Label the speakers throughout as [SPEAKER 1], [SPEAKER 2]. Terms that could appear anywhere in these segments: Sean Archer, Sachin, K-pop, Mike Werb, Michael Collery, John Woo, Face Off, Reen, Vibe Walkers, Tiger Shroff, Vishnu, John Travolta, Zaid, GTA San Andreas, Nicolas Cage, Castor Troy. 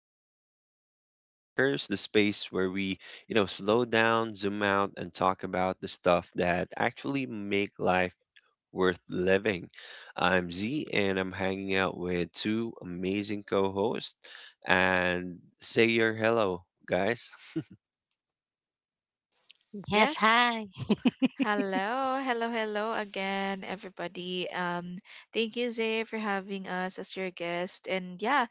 [SPEAKER 1] back to Vibe Walkers, the space where we, slow down, zoom out, and talk about the stuff that actually make life worth living. I'm Z, and I'm hanging out with two amazing co-hosts. And say your hello, guys.
[SPEAKER 2] Yes,
[SPEAKER 3] Yes.
[SPEAKER 2] hi.
[SPEAKER 3] Hello, hello, hello again, everybody. Thank you, Zay, for having us as your guest. And yeah,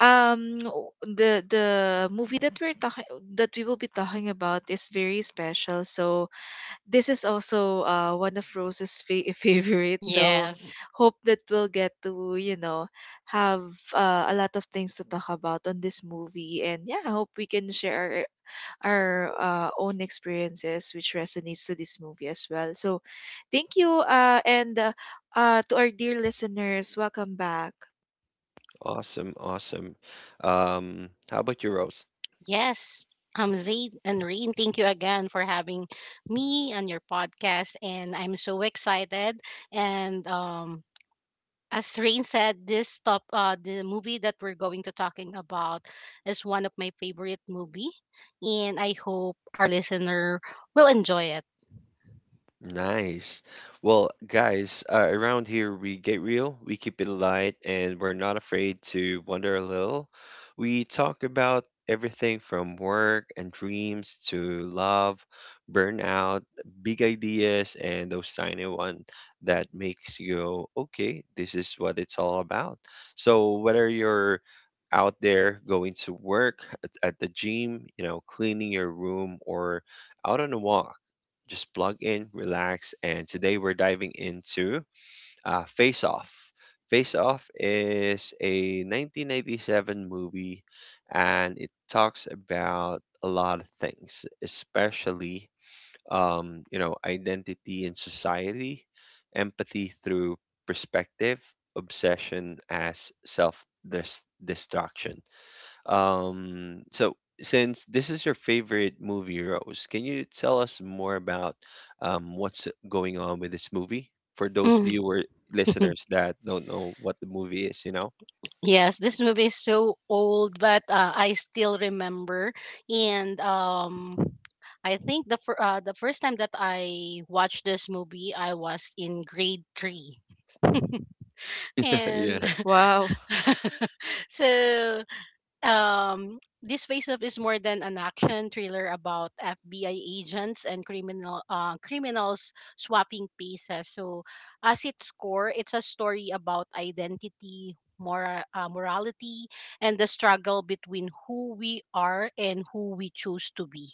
[SPEAKER 3] the movie that we will be talking about is very special. So this is also one of Rose's favorite. So
[SPEAKER 2] Yes.
[SPEAKER 3] hope that we'll get to have a lot of things to talk about on this movie. And yeah, I hope we can share our own experiences, which resonates to this movie as well. So, thank you, and to our dear listeners, welcome back.
[SPEAKER 1] Awesome, awesome. How about you, Rose?
[SPEAKER 2] Yes. I'm Zaid and Reen. Thank you again for having me on your podcast. And I'm so excited. And as Rain said, this top the movie that we're going to talking about is one of my favorite movie. And I hope our listener will enjoy it.
[SPEAKER 1] Nice. Well, guys, around here we get real, we keep it light, and we're not afraid to wander a little. We talk about everything from work and dreams to love, burnout, big ideas, and those tiny one that makes you go, okay, this is what it's all about. So whether you're out there going to work at the gym, cleaning your room or out on a walk just plug in, relax, and today we're diving into Face Off. Face Off is a 1997 movie and it talks about a lot of things, especially identity in society, empathy through perspective, obsession as destruction. So since this is your favorite movie, Rose, can you tell us more about what's going on with this movie for those
[SPEAKER 2] Mm.
[SPEAKER 1] viewer listeners that don't know what the movie is,
[SPEAKER 2] Yes, this movie is so old, but I still remember. And I think the first time that I watched this movie, I was in grade three, and
[SPEAKER 1] Yeah.
[SPEAKER 3] Wow.
[SPEAKER 2] so this face off is more than an action thriller about FBI agents and criminals swapping pieces. So, as its core, it's a story about identity, morality, and the struggle between who we are and who we choose to be.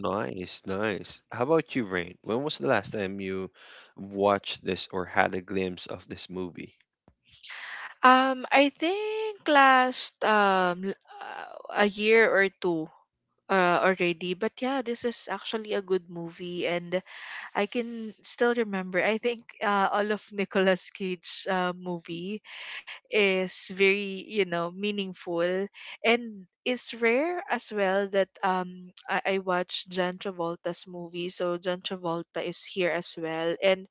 [SPEAKER 1] Nice, nice. How about you, Rain? When was the last time you watched this or had a glimpse of this movie?
[SPEAKER 3] I think last a year or two already. But yeah, this is actually a good movie, and I can still remember. I think all of Nicolas Cage movie is very meaningful, and it's rare as well that I watch John Travolta's movie. So John Travolta is here as well, and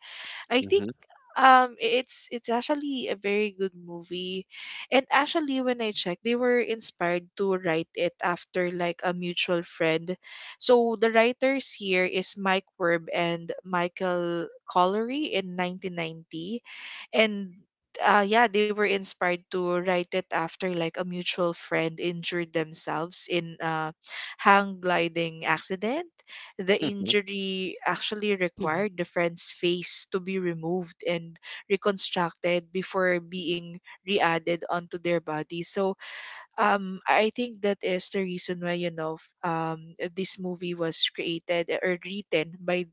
[SPEAKER 3] I think
[SPEAKER 1] Mm-hmm.
[SPEAKER 3] it's actually a very good movie. And actually, when I checked, they were inspired to write it after like a mutual friend. So the writers here is Mike Werb and Michael Collery in 1990, and yeah, they were inspired to write it after like a mutual friend injured themselves in a hang gliding accident. The injury actually required the friend's face to be removed and reconstructed before being re-added onto their body. So I think that is the reason why this movie was created or written by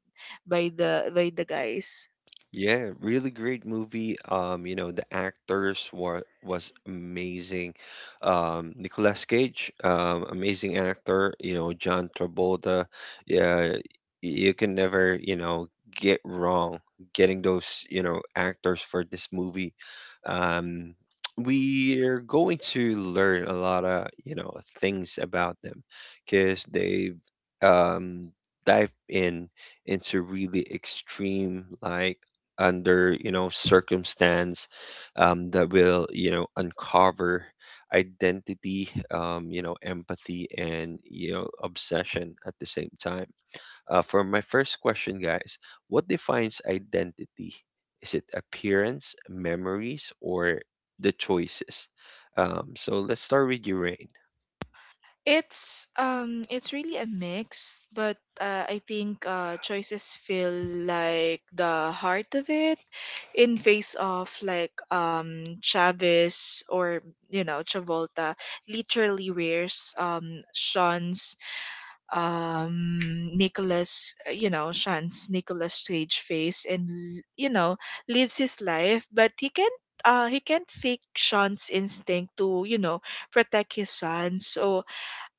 [SPEAKER 3] by the guys.
[SPEAKER 1] Yeah, really great movie. You know, the actors were was amazing. Nicolas Cage, amazing actor. You know, John Travolta. Yeah, you can never, get wrong getting those, actors for this movie. Um, we're going to learn a lot of, things about them because they um dive in into really extreme like under circumstance that will uncover identity, empathy, and obsession at the same time. For my first question, guys, what defines identity? Is it appearance, memories, or the choices? Um, so let's start with you, Rain.
[SPEAKER 3] It's really a mix, but I think choices feel like the heart of it. In face of, like, Chavez, or, Travolta literally wears um Sean's Nicholas Cage face and, lives his life, but he can't fake Sean's instinct to, protect his son. So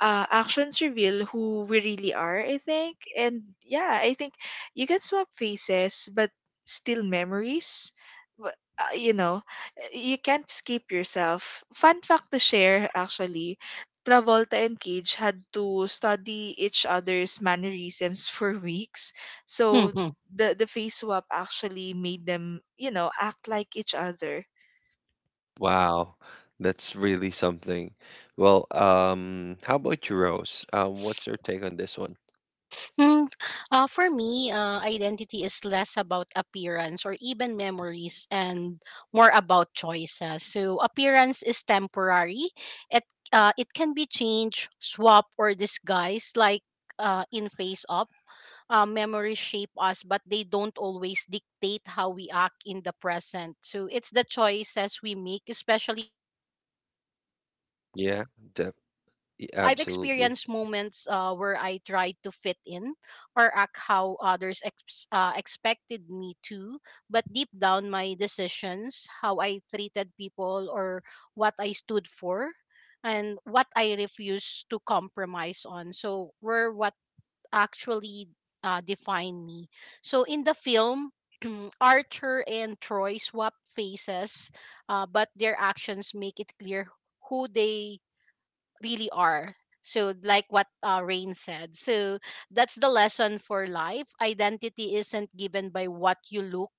[SPEAKER 3] actions reveal who we really are, I think. And yeah, I think you can swap faces, but still memories. But, you can't escape yourself. Fun fact to share, actually. Travolta and Cage had to study each other's mannerisms for weeks. So the face swap actually made them, you know, act like each other.
[SPEAKER 1] Wow, that's really something. Well, how about you, Rose? Um, what's your take on this one?
[SPEAKER 2] Mm, for me, identity is less about appearance or even memories and more about choices. So, appearance is temporary. It it can be changed, swap, or disguised, like in Face Off. Memories shape us, but they don't always dictate how we act in the present. So it's the choices we make, especially under pressure, that
[SPEAKER 1] Yeah,
[SPEAKER 2] reveal our
[SPEAKER 1] def—
[SPEAKER 2] true self.
[SPEAKER 1] Y-
[SPEAKER 2] So I've
[SPEAKER 1] Absolutely.
[SPEAKER 2] experienced moments where I tried to fit in or act how others expected me to, but deep down, my decisions, how I treated people, or what I stood for, and what I refused to compromise on. So, were what actually define me. So in the film, Archer and Troy swap faces, but their actions make it clear who they really are. So, like what Rain said, so that's the lesson for life. Identity isn't given by what you look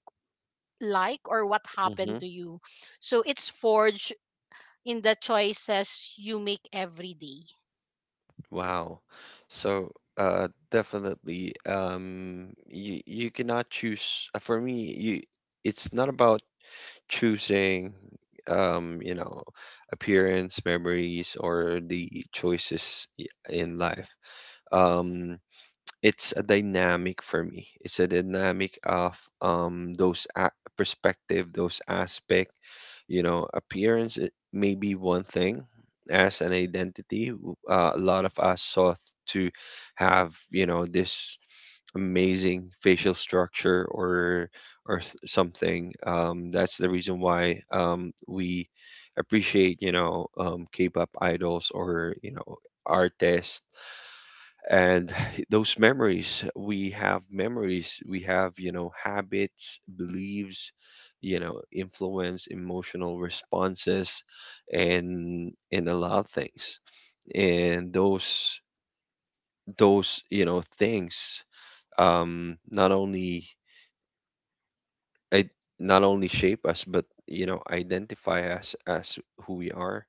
[SPEAKER 2] like or what
[SPEAKER 1] Hmm.
[SPEAKER 2] happened to you. So, it's forged in the choices you make every day.
[SPEAKER 1] Wow. So, definitely, you cannot choose. For me, you it's not about choosing, um, you know, appearance, memories, or the in life. Um, it's a dynamic for me. It's a dynamic of perspective, those aspect. You know, appearance it may be one thing as an identity. A lot of us sought to have this amazing facial structure or something. That's the reason why we appreciate K-pop idols or artists and those memories we have memories we have, habits, beliefs, influence emotional responses and a lot of things, and those, things um not only it not only shape us but identify us as who we are.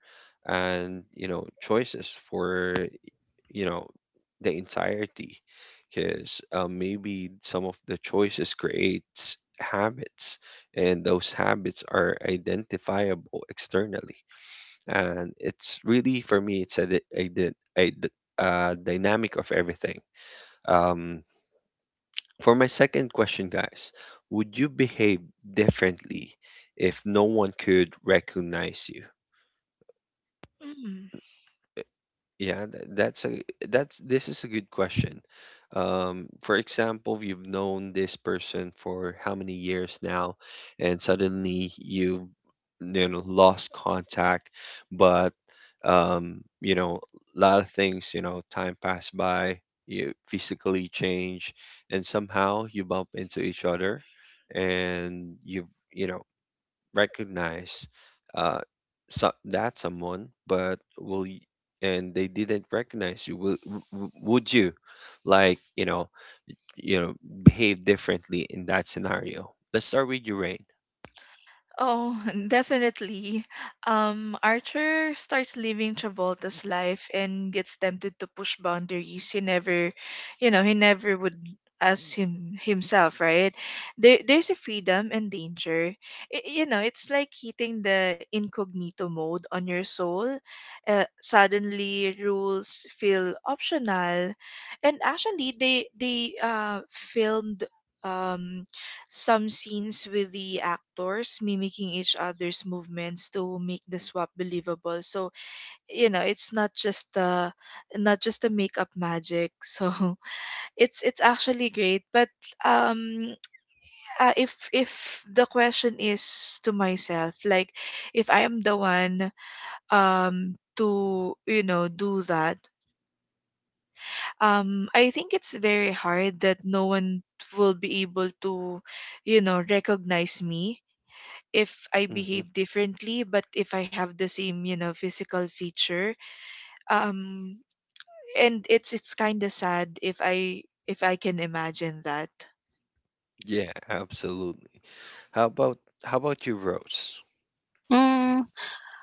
[SPEAKER 1] And choices for, you know the entirety because, maybe some of the choices creates habits and those habits are identifiable externally. And it's really for me it's a, di- a, di- a, d- a dynamic of everything. Um, for my second question, guys, would you behave differently if no one could recognize you?
[SPEAKER 3] Mm.
[SPEAKER 1] Yeah, that's a that's this is a good question. For example, you've known this person for how many years now, and suddenly you you know lost contact, but um, you know a lot of things, time passed by, you physically change, and somehow you bump into each other, and you have recognize, uh, so, that someone, but and they didn't recognize you, would you, like you know, you know, behave differently in that scenario? Let's start with you, Rain.
[SPEAKER 3] Oh, definitely. Archer starts living Travolta's life and gets tempted to push boundaries he never would as him himself, right? There's a freedom and danger. It's like hitting the incognito mode on your soul. Suddenly, rules feel optional, and actually, they filmed Um, some scenes with the actors mimicking each other's movements to make the swap believable. So, it's not just the makeup magic. So, it's actually great. But um if the question is to myself, like if I am the one to, do that, I think it's very hard that no one will be able to, recognize me if I
[SPEAKER 1] Hmm.
[SPEAKER 3] behave differently, but if I have the same, physical feature. Um, and it's kind of sad if I, can imagine that.
[SPEAKER 1] Yeah, absolutely. How about how about you, Rose?
[SPEAKER 2] Mm.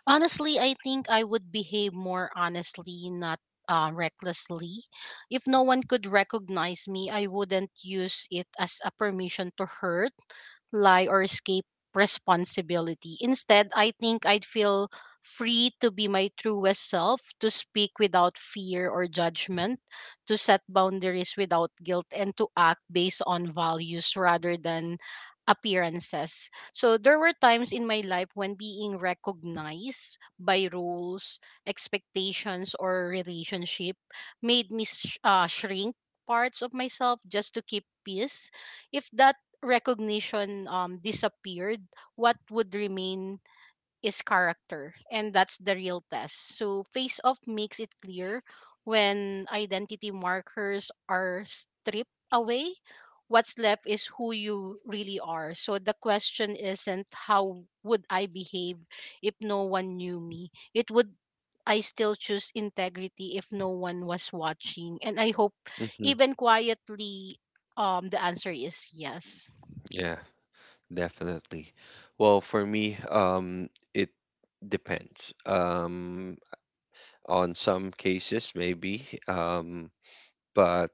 [SPEAKER 2] Honestly, I think I would behave more honestly, not recklessly. If no one could recognize me, I wouldn't use it as a permission to hurt, lie, or escape responsibility. Instead, I think I'd feel free to be my truest self, to speak without fear or judgment, to set boundaries without guilt, and to act based on values rather than appearances. So there were times in my life when being recognized by rules, expectations, or relationship made me shrink parts of myself just to keep peace. If that recognition disappeared, what would remain is character, and that's the real test. So, Face Off makes it clear when identity markers are stripped away, what's left is who you really are. So, the question isn't how would I behave if no one knew me? It would I still choose integrity if no one was watching. And I hope
[SPEAKER 1] Hmm.
[SPEAKER 2] even quietly, the answer is yes.
[SPEAKER 1] Yeah, definitely. Well, for me, it depends. On some cases, maybe. But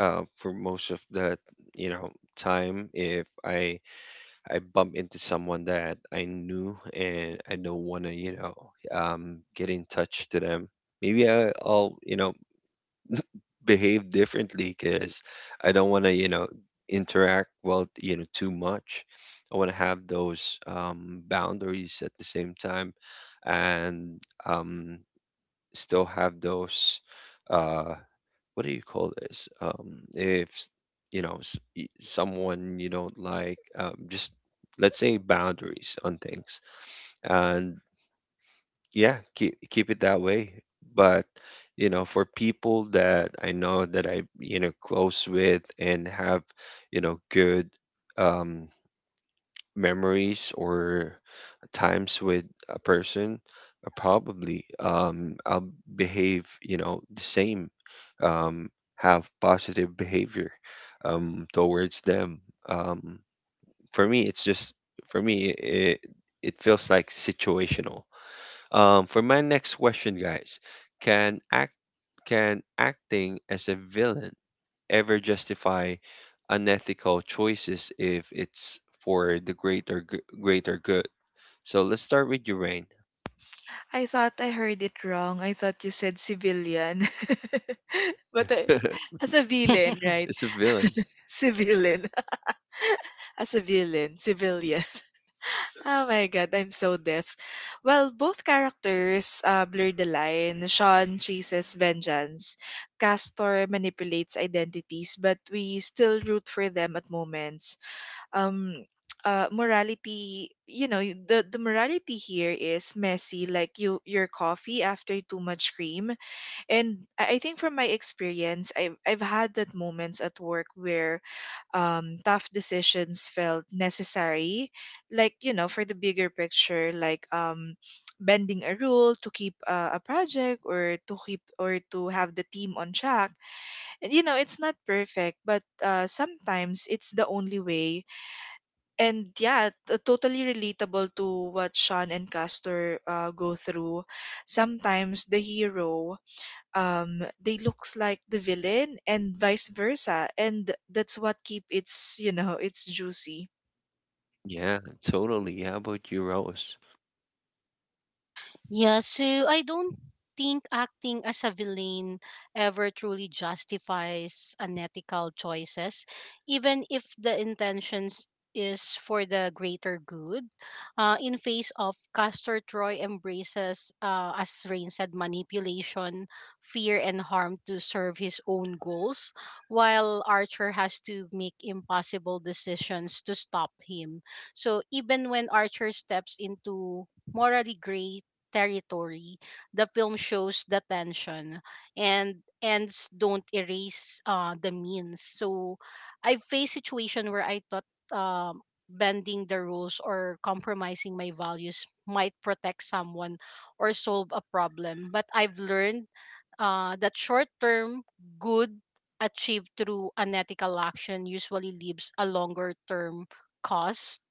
[SPEAKER 1] for most of the, you know time if I I bump into someone that I knew and I don't want to, get in touch to them. Maybe I'll, behave differently because I don't want to, interact well, too much. I want to have those, boundaries at the same time, and um, still have those. uh what do you call this? If s- you know s- y- Someone you don't like, just let's say boundaries on things, and yeah, keep it that way. But, for people that I know that I, close with and have, good, um, memories or times with a person, probably, I'll behave, the same, um, have positive behavior, towards them. Um, for me, it's just for me, it feels like situational. For my next question, guys, can act can acting as a villain ever justify unethical choices if it's for the greater good? So let's start with you, Rain.
[SPEAKER 3] I thought I heard it wrong. I thought you said civilian, but as a villain, right?
[SPEAKER 1] It's a villain.
[SPEAKER 3] Civilian, as a villain, civilian. Oh my god, I'm so deaf. Well, both characters blur the line. Sean chases vengeance. Castor manipulates identities, but we still root for them at moments. Um, morality, you know, y- the morality here is messy, like your coffee after too much cream. And I think from my experience, I've had that moments at work where tough decisions felt necessary, like, for the bigger picture, like bending a rule to keep a project or to have the team on track. And, you know, it's not perfect, but sometimes it's the only way. And yeah, totally relatable to what Sean and Castor go through. Sometimes the hero they looks like the villain, and vice versa, and that's what keep its it's juicy.
[SPEAKER 1] Yeah, totally. How about you, Rose?
[SPEAKER 2] Yeah, so I don't think acting as a villain ever truly justifies unethical choices, even if the intentions is for the greater good. In face of Castor Troy embraces, as Rain said, manipulation, fear, and harm to serve his own goals, while Archer has to make impossible decisions to stop him. So even when Archer steps into morally gray territory, the film shows the tension and ends don't erase the means. So I faced situation where I thought um, bending the rules or compromising my values might protect someone or solve a problem. But I've learned that short term good achieved through unethical action usually leaves a longer term cost,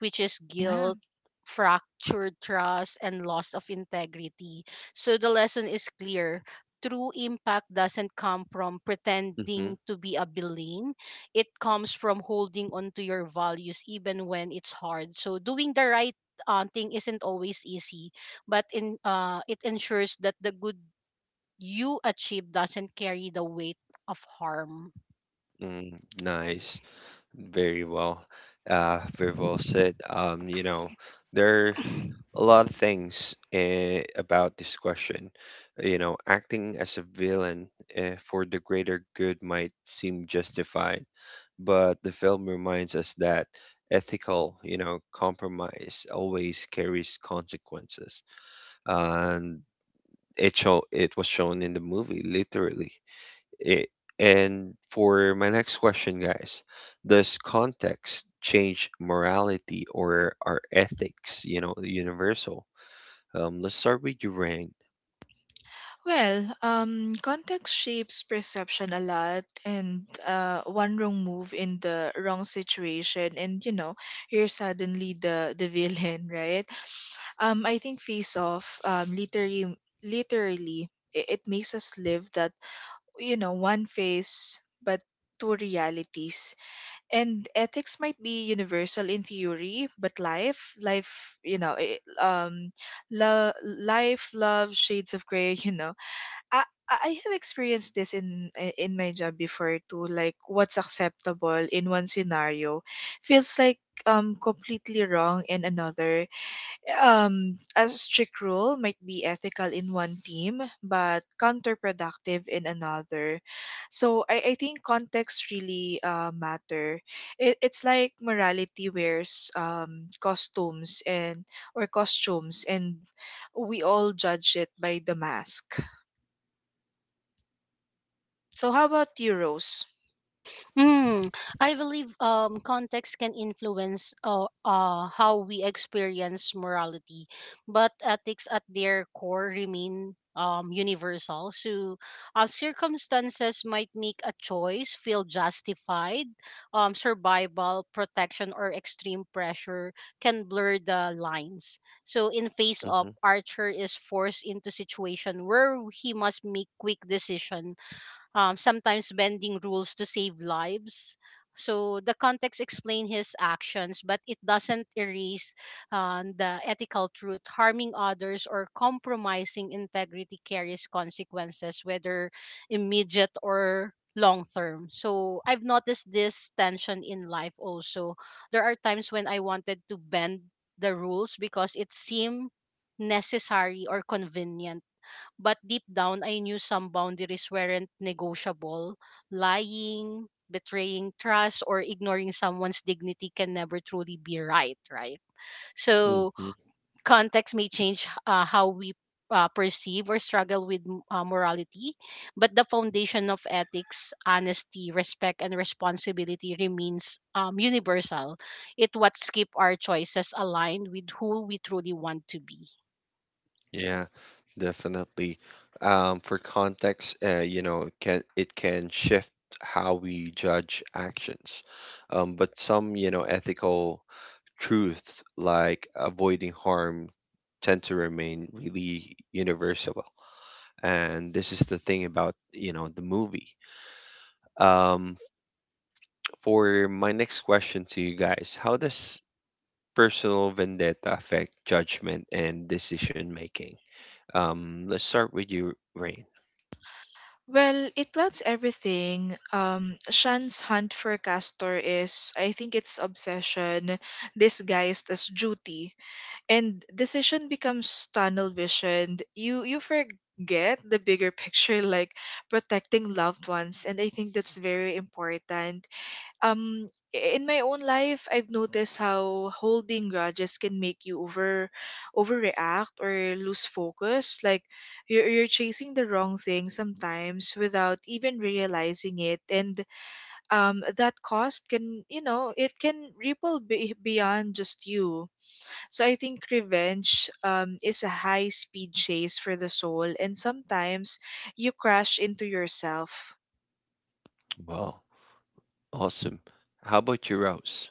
[SPEAKER 2] which is
[SPEAKER 3] Yeah.
[SPEAKER 2] guilt, fractured trust, and loss of integrity. So the lesson is clear. True impact doesn't come from
[SPEAKER 1] Mm-hmm.
[SPEAKER 2] pretending to be a villain. It comes from holding on to your values even when it's hard. So doing the right thing isn't always easy, but in it ensures that the good you achieve doesn't carry the weight of harm.
[SPEAKER 1] Mm, nice. Very well, very well said. You know, there are a lot of things, about this question. You know, acting as a villain, for the greater good might seem justified, but the film reminds us that ethical, compromise always carries consequences, and it was shown in the movie literally. I- and for my next question, guys, does context change morality, or are ethics, universal? Let's start with you, Rain.
[SPEAKER 3] Well, context shapes perception a lot, and one wrong move in the wrong situation, and, you're suddenly the villain, right? I think Face Off, literally it makes us live that, you know, one face but two realities. And ethics might be universal in theory, but life life you know eh, lo- life love shades of gray. You know, i i I have experienced this in my job before too, like what's acceptable in one scenario feels like completely wrong in another. A strict rule might be ethical in one team but counterproductive in another. So I think context really matter. It's like morality wears, costumes and or costumes, and we all judge it by the mask. So how about you, Rose?
[SPEAKER 2] Mm. I believe context can influence how we experience morality, but ethics at their core remain universal. So, circumstances might make a choice feel justified. Survival, protection, or extreme pressure can blur the lines. So, in face of
[SPEAKER 1] Mm-hmm,
[SPEAKER 2] Archer is forced into situation where he must make quick decision, sometimes bending rules to save lives. So the context explains his actions, but it doesn't erase the ethical truth. Harming others or compromising integrity carries consequences, whether immediate or long term. So I've noticed this tension in life also. There are times when I wanted to bend the rules because it seemed necessary or convenient, but deep down, I knew some boundaries weren't negotiable. Lying, betraying trust, or ignoring someone's dignity can never truly be right, right? So,
[SPEAKER 1] mm-hmm.
[SPEAKER 2] context may change how we perceive or struggle with morality, but the foundation of ethics, honesty, respect, and responsibility remains universal. It what keep our choices aligned with who we truly want to be.
[SPEAKER 1] Yeah, definitely. For context, you know, it can shift how we judge actions. But some, ethical truths like avoiding harm tend to remain really universal. And this is the thing about, the movie. Um, for my next question to you guys, how does personal vendetta affect judgment and decision making? Let's start with you, Rain.
[SPEAKER 3] Well, it clouds everything. Shan's hunt for Castor is, I think, it's obsession disguised as duty, and decision becomes tunnel visioned. You forget the bigger picture, like protecting loved ones, and I think that's very important. Um in my own life, I've noticed how holding grudges can make you overreact or lose focus, like you're chasing the wrong thing sometimes without even realizing it, and that cost can, it can ripple beyond just you. So I think revenge is a high speed chase for the soul, and sometimes you crash into yourself.
[SPEAKER 1] Wow, awesome. How about you, Rose?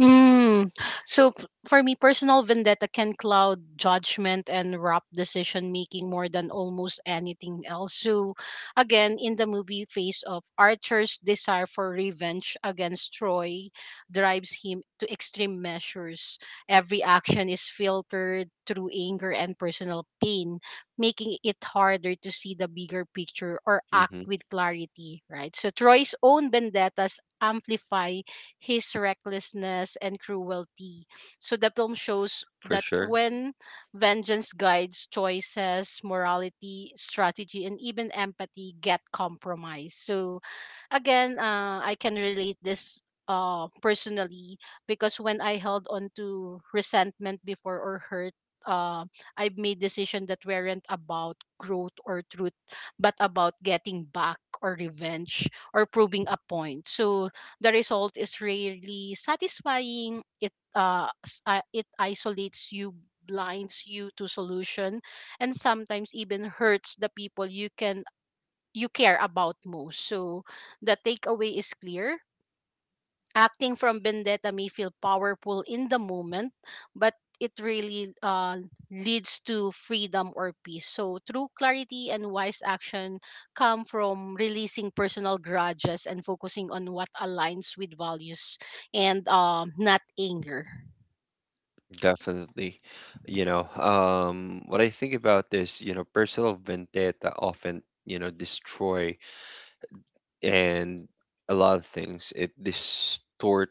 [SPEAKER 2] Mm. So for me, personal vendetta can cloud judgment and rob decision making more than almost anything else. So again, in the movie Face of Archer's desire for revenge against Troy drives him to extreme measures. Every action is filtered through anger and personal pain, making it harder to see the bigger picture or act
[SPEAKER 1] Mm-hmm,
[SPEAKER 2] with clarity, right? So Troy's own vendettas amplify his recklessness and cruelty. So the film shows
[SPEAKER 1] for
[SPEAKER 2] that
[SPEAKER 1] sure.
[SPEAKER 2] when vengeance guides choices, morality, strategy, and even empathy get compromised. So again, I can relate this personally because when I held on to resentment before or hurt, uh, I made decisions that weren't about growth or truth, but about getting back or revenge or proving a point. So the result is rarely satisfying. It isolates you, blinds you to solution, and sometimes even hurts the people you can you care about most. So the takeaway is clear. Acting from vendetta may feel powerful in the moment, but it really leads to freedom or peace. So true clarity and wise action come from releasing personal grudges and focusing on what aligns with values and, not anger.
[SPEAKER 1] Definitely. What I think about this, personal vendetta often, destroy and a lot of things. It distort,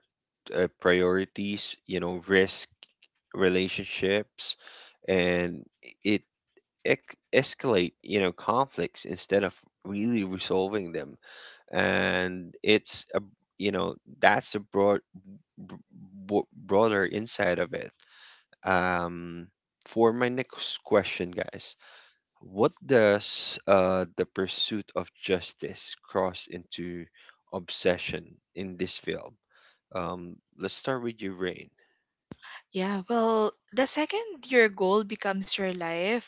[SPEAKER 1] priorities, risk relationships, and it escalate, conflicts instead of really resolving them. And it's a, you know, that's a b- broader insight of it. Um, for my next question, guys. What does the pursuit of justice cross into obsession in this film? Let's start with you, Rain.
[SPEAKER 3] Yeah, well, the second your goal becomes your life,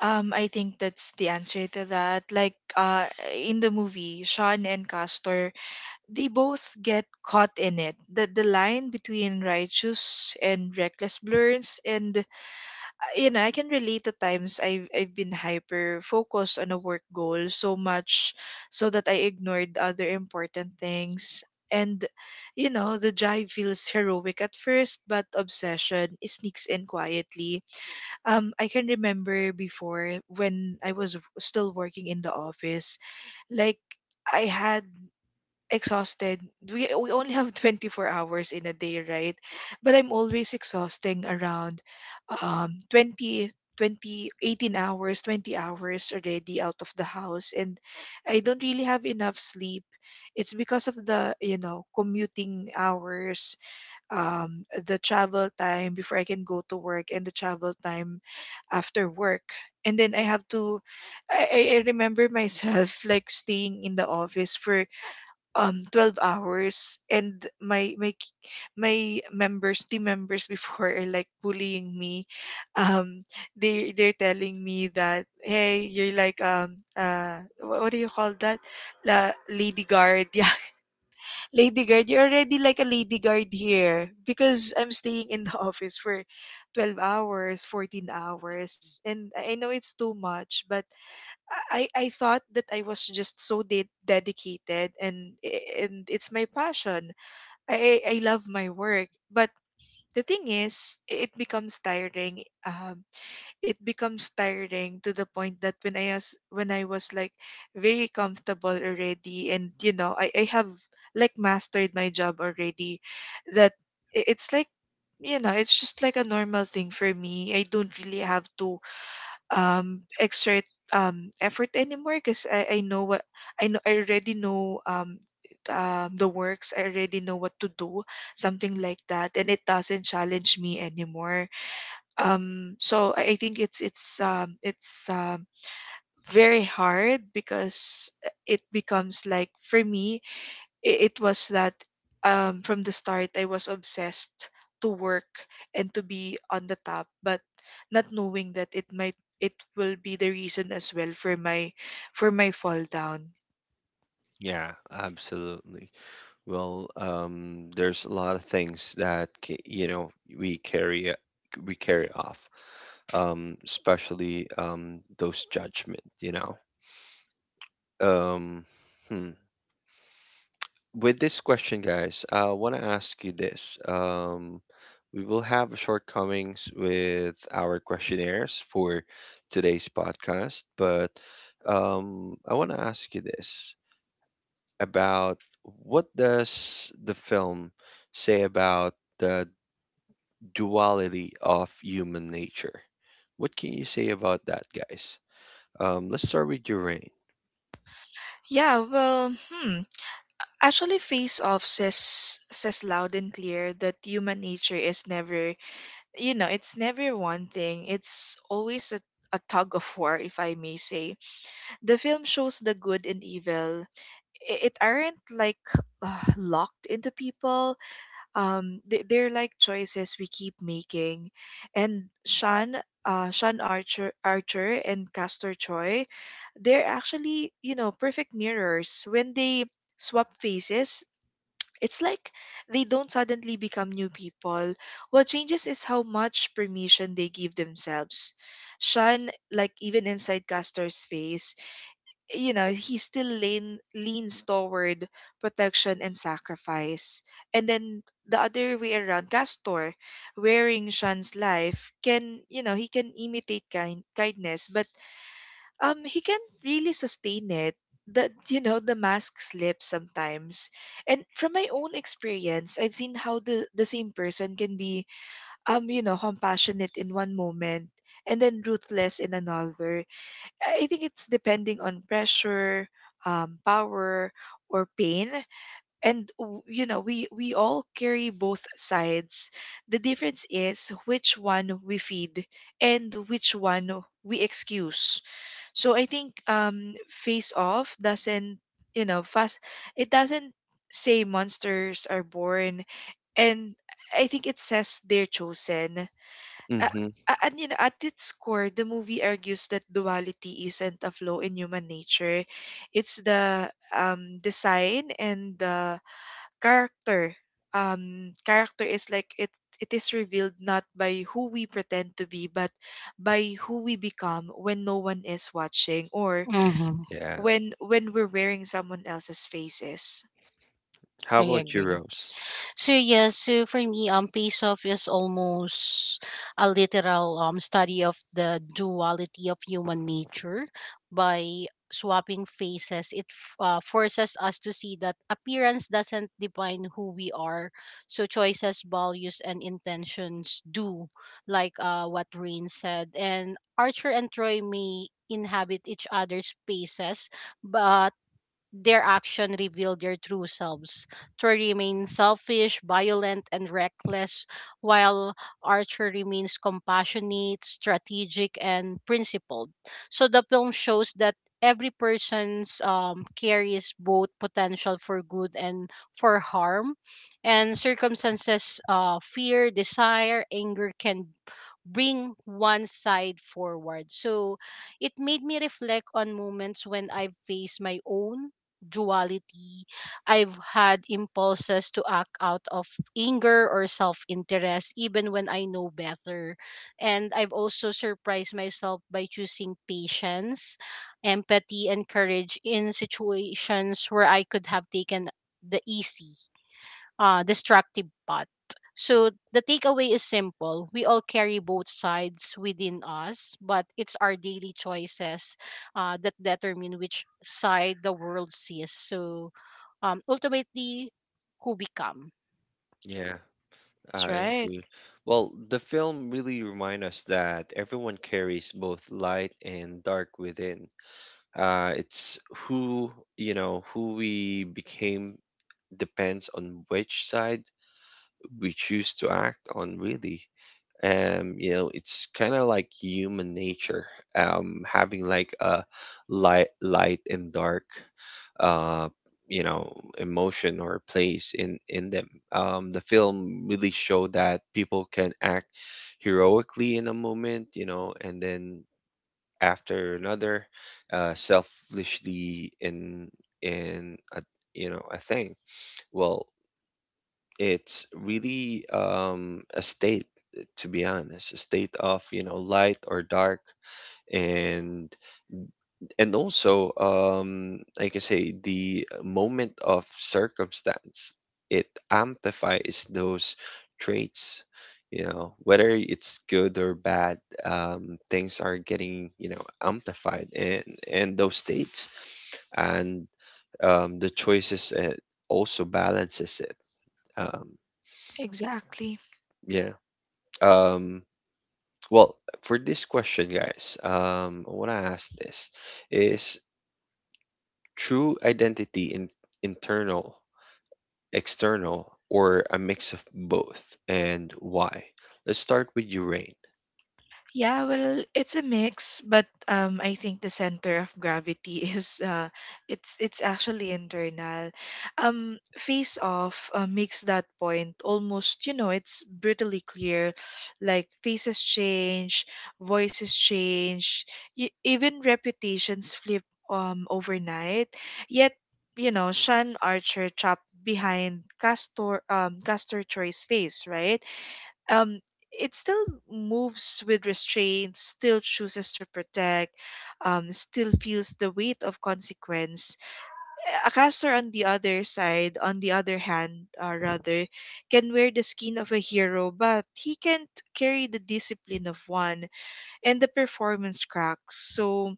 [SPEAKER 3] I think that's the answer to that. Like in the movie, Sean and Castor, they both get caught in it. The line between righteous and reckless blurs, and, you know, I can relate to times I've been hyper focused on a work goal, so much so that I ignored other important things. And, you know, the drive feels heroic at first, but obsession sneaks in quietly. I can remember before, when I was still working in the office, like I had exhausted. We only have 24 hours in a day, right? But I'm always exhausting around um 20 20 hours already out of the house, and I don't really have enough sleep. It's because of the, you know, commuting hours, um the travel time before I can go to work and the travel time after work. And then I have to I remember myself like staying in the office for 12 hours. And my k- my members team members before are like bullying me. um they're telling me that, hey, you're like, what do you call that? Lady guard, yeah, lady guard. You're already like a lady guard here because I'm staying in the office for 12 hours, 14 hours, and I know it's too much. But I thought that I was just so dedicated, and it's my passion. I love my work, but the thing is, it becomes tiring. It becomes tiring to the point that when I was like very comfortable already, and, you know, I have like mastered my job already. That it's like, you know, it's just like a normal thing for me. I don't really have to exert effort anymore because I know what I know I already know the works. I already know what to do, something like that, and it doesn't challenge me anymore. So I think it's very hard because it becomes like for me, I- it was that from the start I was obsessed to work and to be on the top, but not knowing that it will be the reason as well for my fall down.
[SPEAKER 1] Yeah, absolutely. Well, there's a lot of things that we carry off, especially, those judgment. You know, um, hmm. With this question, guys, I want to ask you this. We will have shortcomings with our questionnaires for today's podcast, but I want to ask you this about what does the film say about the duality of human nature? What can you say about that, guys? Let's start with your rain.
[SPEAKER 3] Yeah, well, hmm. Actually, Face Off says loud and clear that human nature is never, you know, it's never one thing. It's always a tug of war, if I may say. The film shows the good and evil. It aren't like locked into people. They're like choices we keep making. And Sean Archer and Castor Troy, they're actually, perfect mirrors. When they swap faces, it's like they don't suddenly become new people. What changes is how much permission they give themselves. Sean, like even inside Castor's face, he still leans toward protection and sacrifice, and then the other way around, Castor wearing Shan's life can, he can imitate kindness, but he can't really sustain it. The you know the mask slips sometimes. And from my own experience, I've seen how the same person can be, compassionate in one moment and then ruthless in another. I think it's depending on pressure, power, or pain. And we all carry both sides. The difference is which one we feed and which one we excuse. So I think Face Off doesn't, fast. It doesn't say monsters are born, and I think it says they're chosen. a-
[SPEAKER 1] Mm-hmm.
[SPEAKER 3] a- and at its core, the movie argues that duality isn't a flaw in human nature; it's the design and the character. Character is like it. It is revealed not by who we pretend to be, but by who we become when no one is watching, or
[SPEAKER 2] Mm-hmm.
[SPEAKER 1] Yeah.
[SPEAKER 3] when we're wearing someone else's faces.
[SPEAKER 1] How
[SPEAKER 2] I
[SPEAKER 1] about your
[SPEAKER 2] agree.
[SPEAKER 1] rose?
[SPEAKER 2] So yeah, so for me, Pace Off is almost a literal study of the duality of human nature. By swapping faces, it forces us to see that appearance doesn't define who we are. So choices, values, and intentions do, like what Rain said. And Archer and Troy may inhabit each other's spaces, but their action revealed their true selves. Troy remains selfish, violent, and reckless, while Archer remains compassionate, strategic, and principled. So the film shows that every person's carries both potential for good and for harm, and circumstances, fear, desire, anger can bring one side forward. So it made me reflect on moments when I've faced my own duality. I've had impulses to act out of anger or self interest, even when I know better. And I've also surprised myself by choosing patience, empathy, and courage in situations where I could have taken the easy, destructive path. So the takeaway is simple. We all carry both sides within us, but it's our daily choices that determine which side the world sees. So ultimately, who become.
[SPEAKER 1] Yeah.
[SPEAKER 3] That's
[SPEAKER 1] I
[SPEAKER 3] right.
[SPEAKER 1] agree. Well, the film really reminds us that everyone carries both light and dark within. It's who, who we became depends on which side we choose to act on, really. You know, it's kind of like human nature, having like a light and dark, uh you know emotion or place in them. The film really showed that people can act heroically in a moment, and then after another, selfishly in a, a thing. Well, it's really, a state, to be honest, a state of, light or dark, and and also, like I say, the moment of circumstance, it amplifies those traits, whether it's good or bad. Things are getting, amplified and those states. And, the choices, it also balances it. um
[SPEAKER 3] Exactly.
[SPEAKER 1] yeah um Well, for this question, guys, I want to ask this: is true identity in internal, external, or a mix of both, and why? Let's start with you, Rain.
[SPEAKER 3] Yeah, well, it's a mix, but I think the center of gravity is it's actually internal. Face Off makes that point almost, it's brutally clear. Like faces change, voices change, y even reputations flip overnight. Yet, Sean Archer chopped behind Castor Troy's face, right? um it still moves with restraint, still chooses to protect, still feels the weight of consequence. A Caster on the other side, on the other hand, rather, can wear the skin of a hero, but he can't carry the discipline of one, and the performance cracks. So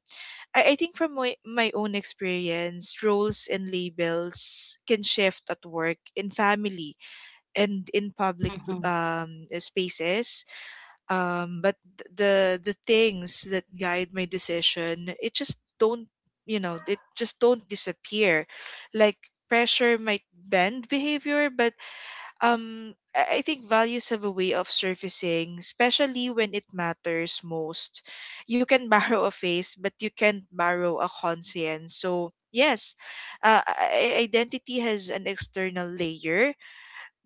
[SPEAKER 3] I think from my own experience, roles and labels can shift at work, in family, and in public
[SPEAKER 2] Mm-hmm.
[SPEAKER 3] um, spaces. But the things that guide my decision, it just don't disappear. Like pressure might bend behavior, but I think values have a way of surfacing, especially when it matters most. You can borrow a face, but you can't borrow a conscience. So yes, uh, i- identity has an external layer,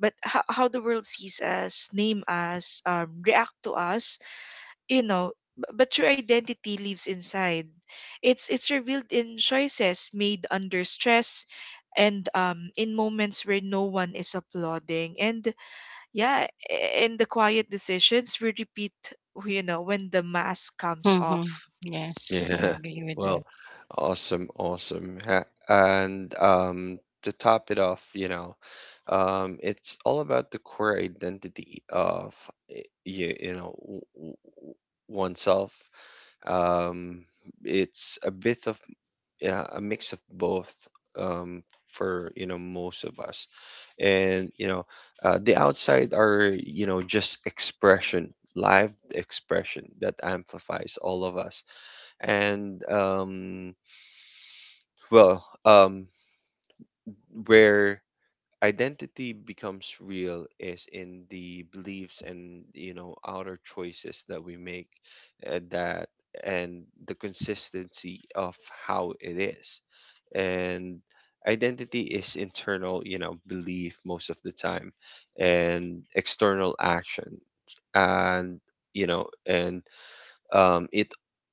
[SPEAKER 3] but how the world sees us, name us, react to us, you know but your identity lives inside. It's revealed in choices made under stress and in moments where no one is applauding, and yeah, in the quiet decisions we repeat, when the mask comes
[SPEAKER 2] Mm-hmm.
[SPEAKER 3] off.
[SPEAKER 1] Yeah.
[SPEAKER 2] Yes, I agree with
[SPEAKER 1] Well,
[SPEAKER 2] that.
[SPEAKER 1] awesome, awesome. And, to top it off, it's all about the core identity of you, you know, w- w- w- oneself. Um, it's a bit of yeah, a mix of both, um, for, most of us. And, the outside are, just expression, live expression that amplifies all of us, and well, um, where identity becomes real is in the beliefs and, outer choices that we make, that and the consistency of how it is. And identity is internal, belief most of the time, and external action, and, you know and it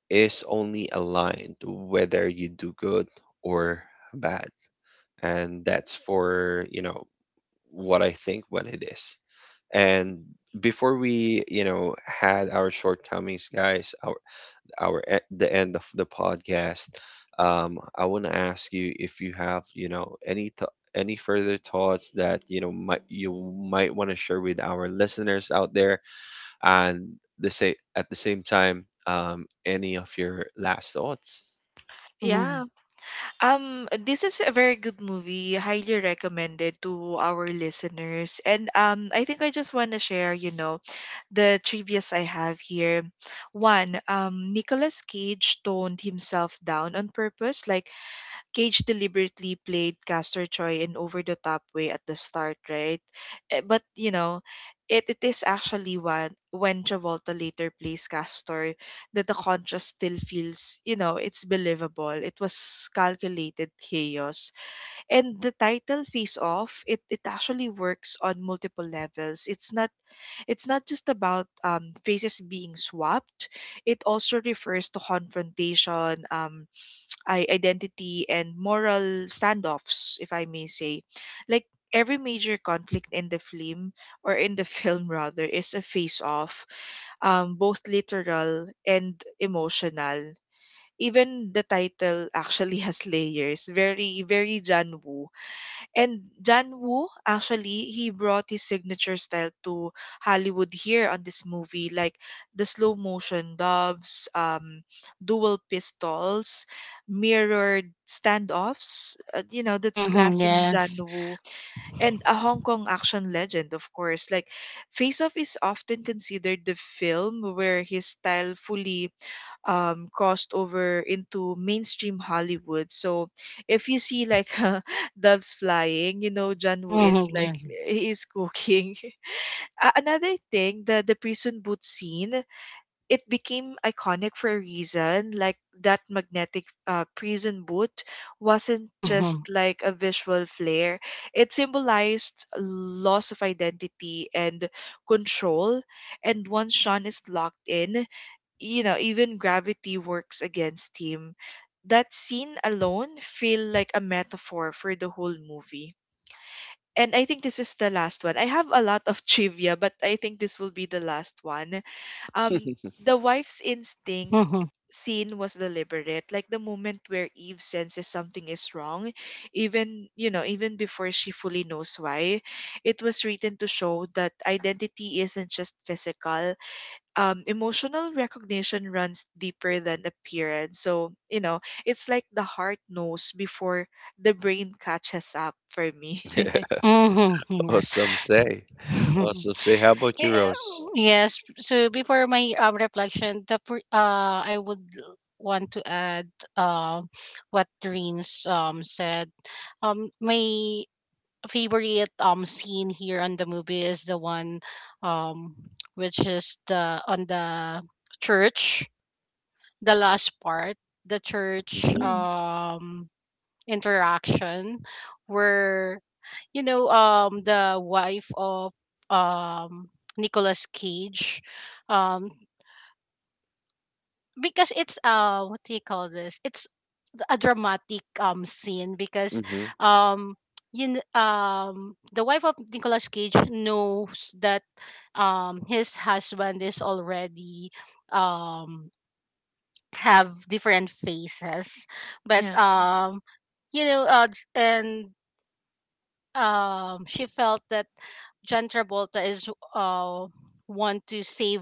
[SPEAKER 1] is only aligned to whether you do good or bad. And that's for, what I think when it is. And before we, had our shortcomings, guys, the end of the podcast, I want to ask you if you have, any further thoughts that, might you might want to share with our listeners out there. And the say at the same time, any of your last thoughts?
[SPEAKER 2] Mm-hmm.
[SPEAKER 3] Yeah, this is a very good movie, highly recommended to our listeners. And I think I just want to share, the trivias I have here. One, Nicolas Cage toned himself down on purpose. Like Cage deliberately played Castor Troy in over the top way at the start, right? But it is actually one when Travolta later plays Castor that the contrast still feels, it's believable. It was calculated chaos. And the title Face Off, it actually works on multiple levels. It's not just about faces being swapped, it also refers to confrontation, identity, and moral standoffs, if I may say. Like every major conflict in the film, or in the film rather, is a face off, both literal and emotional. Even the title actually has layers. Very John Woo, actually, he brought his signature style to Hollywood here on this movie, like the slow motion doves, dual pistols, mirrored standoffs. You know, that's
[SPEAKER 2] Mm-hmm.
[SPEAKER 3] classic John
[SPEAKER 2] Yes.
[SPEAKER 3] Woo. And a Hong Kong action legend, of course. Like, Face Off is often considered the film where his style fully crossed over into mainstream Hollywood. So if you see like doves flying, you know John Woo
[SPEAKER 2] Mm-hmm.
[SPEAKER 3] is like
[SPEAKER 2] Yes.
[SPEAKER 3] he is cooking. Another thing, the prison boot scene, it became iconic for a reason. Like that magnetic prison boot wasn't just
[SPEAKER 2] Mm-hmm.
[SPEAKER 3] like a visual flair; it symbolized loss of identity and control. And once Sean is locked in, you know, even gravity works against him. That scene alone feel like a metaphor for the whole movie. And I think this is the last one. I have a lot of trivia, but I think this will be the last one. Um, the wife's instinct
[SPEAKER 2] Mm-hmm.
[SPEAKER 3] scene was deliberate, like the moment where Eve senses something is wrong, even you know, even before she fully knows why. It was written to show that identity isn't just physical; emotional recognition runs deeper than appearance. So, you know, it's like the heart knows before the brain catches up for me.
[SPEAKER 1] Yeah,
[SPEAKER 2] Mm-hmm.
[SPEAKER 1] awesome say, how about you,
[SPEAKER 2] Yeah.
[SPEAKER 1] Rose?
[SPEAKER 2] Yes. So before my reflection, I would want to add uh, what Reen's said. My favorite scene here on the movie is the one um which is the on the church, the last part, the church
[SPEAKER 1] Hmm.
[SPEAKER 3] Mm.
[SPEAKER 2] um interaction where you know the wife of um Nicolas Cage, um because it's what do you call this, it's a dramatic scene because
[SPEAKER 1] Hmm.
[SPEAKER 2] um you kn- the wife of Nicolas Cage knows that his husband is already um have different faces, but
[SPEAKER 3] Yeah,
[SPEAKER 2] you know, and she felt that John Travolta is uh want to save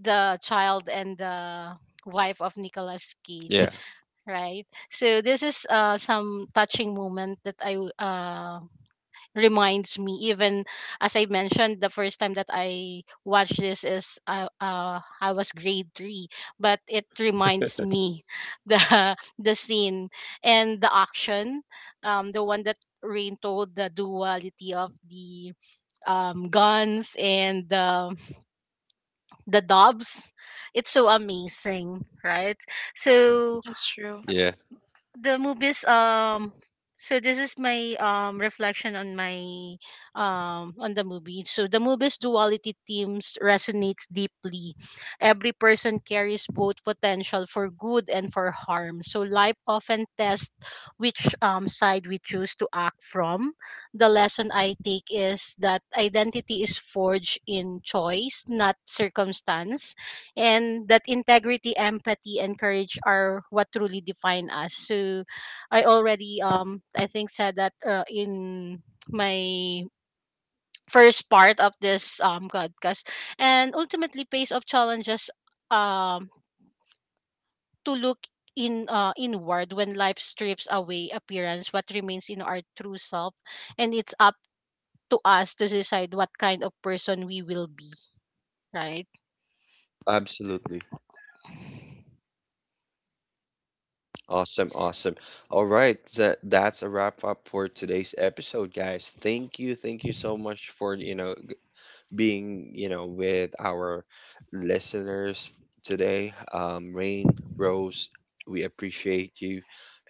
[SPEAKER 2] the child and the wife of Nicolas Cage,
[SPEAKER 1] Yeah.
[SPEAKER 2] right? So this is some touching moment that reminds me, even as I mentioned the first time that I watched this is I was grade 3, but it reminds me the scene and the action, the one that rain told, the duality of the guns and the dobs. It's so amazing, right? So
[SPEAKER 3] that's true.
[SPEAKER 1] Yeah,
[SPEAKER 2] the movies, so this is my reflection on my on the movie. So the movie's duality themes resonates deeply. Every person carries both potential for good and for harm, so life often tests which side we choose to act from. The lesson I take is that identity is forged in choice, not circumstance, and that integrity, empathy, and courage are what truly define us. So, I already I think said that in my first part of this podcast, and ultimately pace of challenges um to look in inward. When life strips away appearance, what remains in our true self, and it's up to us to decide what kind of person we will be, right?
[SPEAKER 1] absolutely. Awesome, awesome. All right, that's a wrap up for today's episode, guys. Thank you, thank you so much for, being, with our listeners today. Rain, Rose, we appreciate you.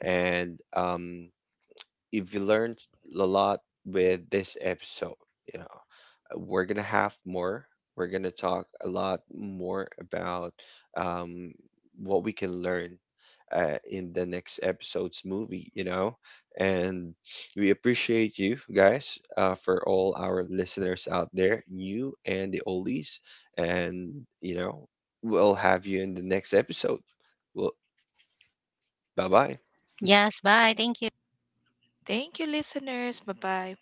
[SPEAKER 1] And if you learned a lot with this episode, we're gonna have more. We're gonna talk a lot more about, um, what we can learn, in the next episode's movie, And we appreciate you guys, for all our listeners out there, new and the oldies. And, you know, we'll have you in the next episode. Well, bye bye.
[SPEAKER 2] Yes, bye, thank you.
[SPEAKER 3] Thank you, listeners. Bye bye.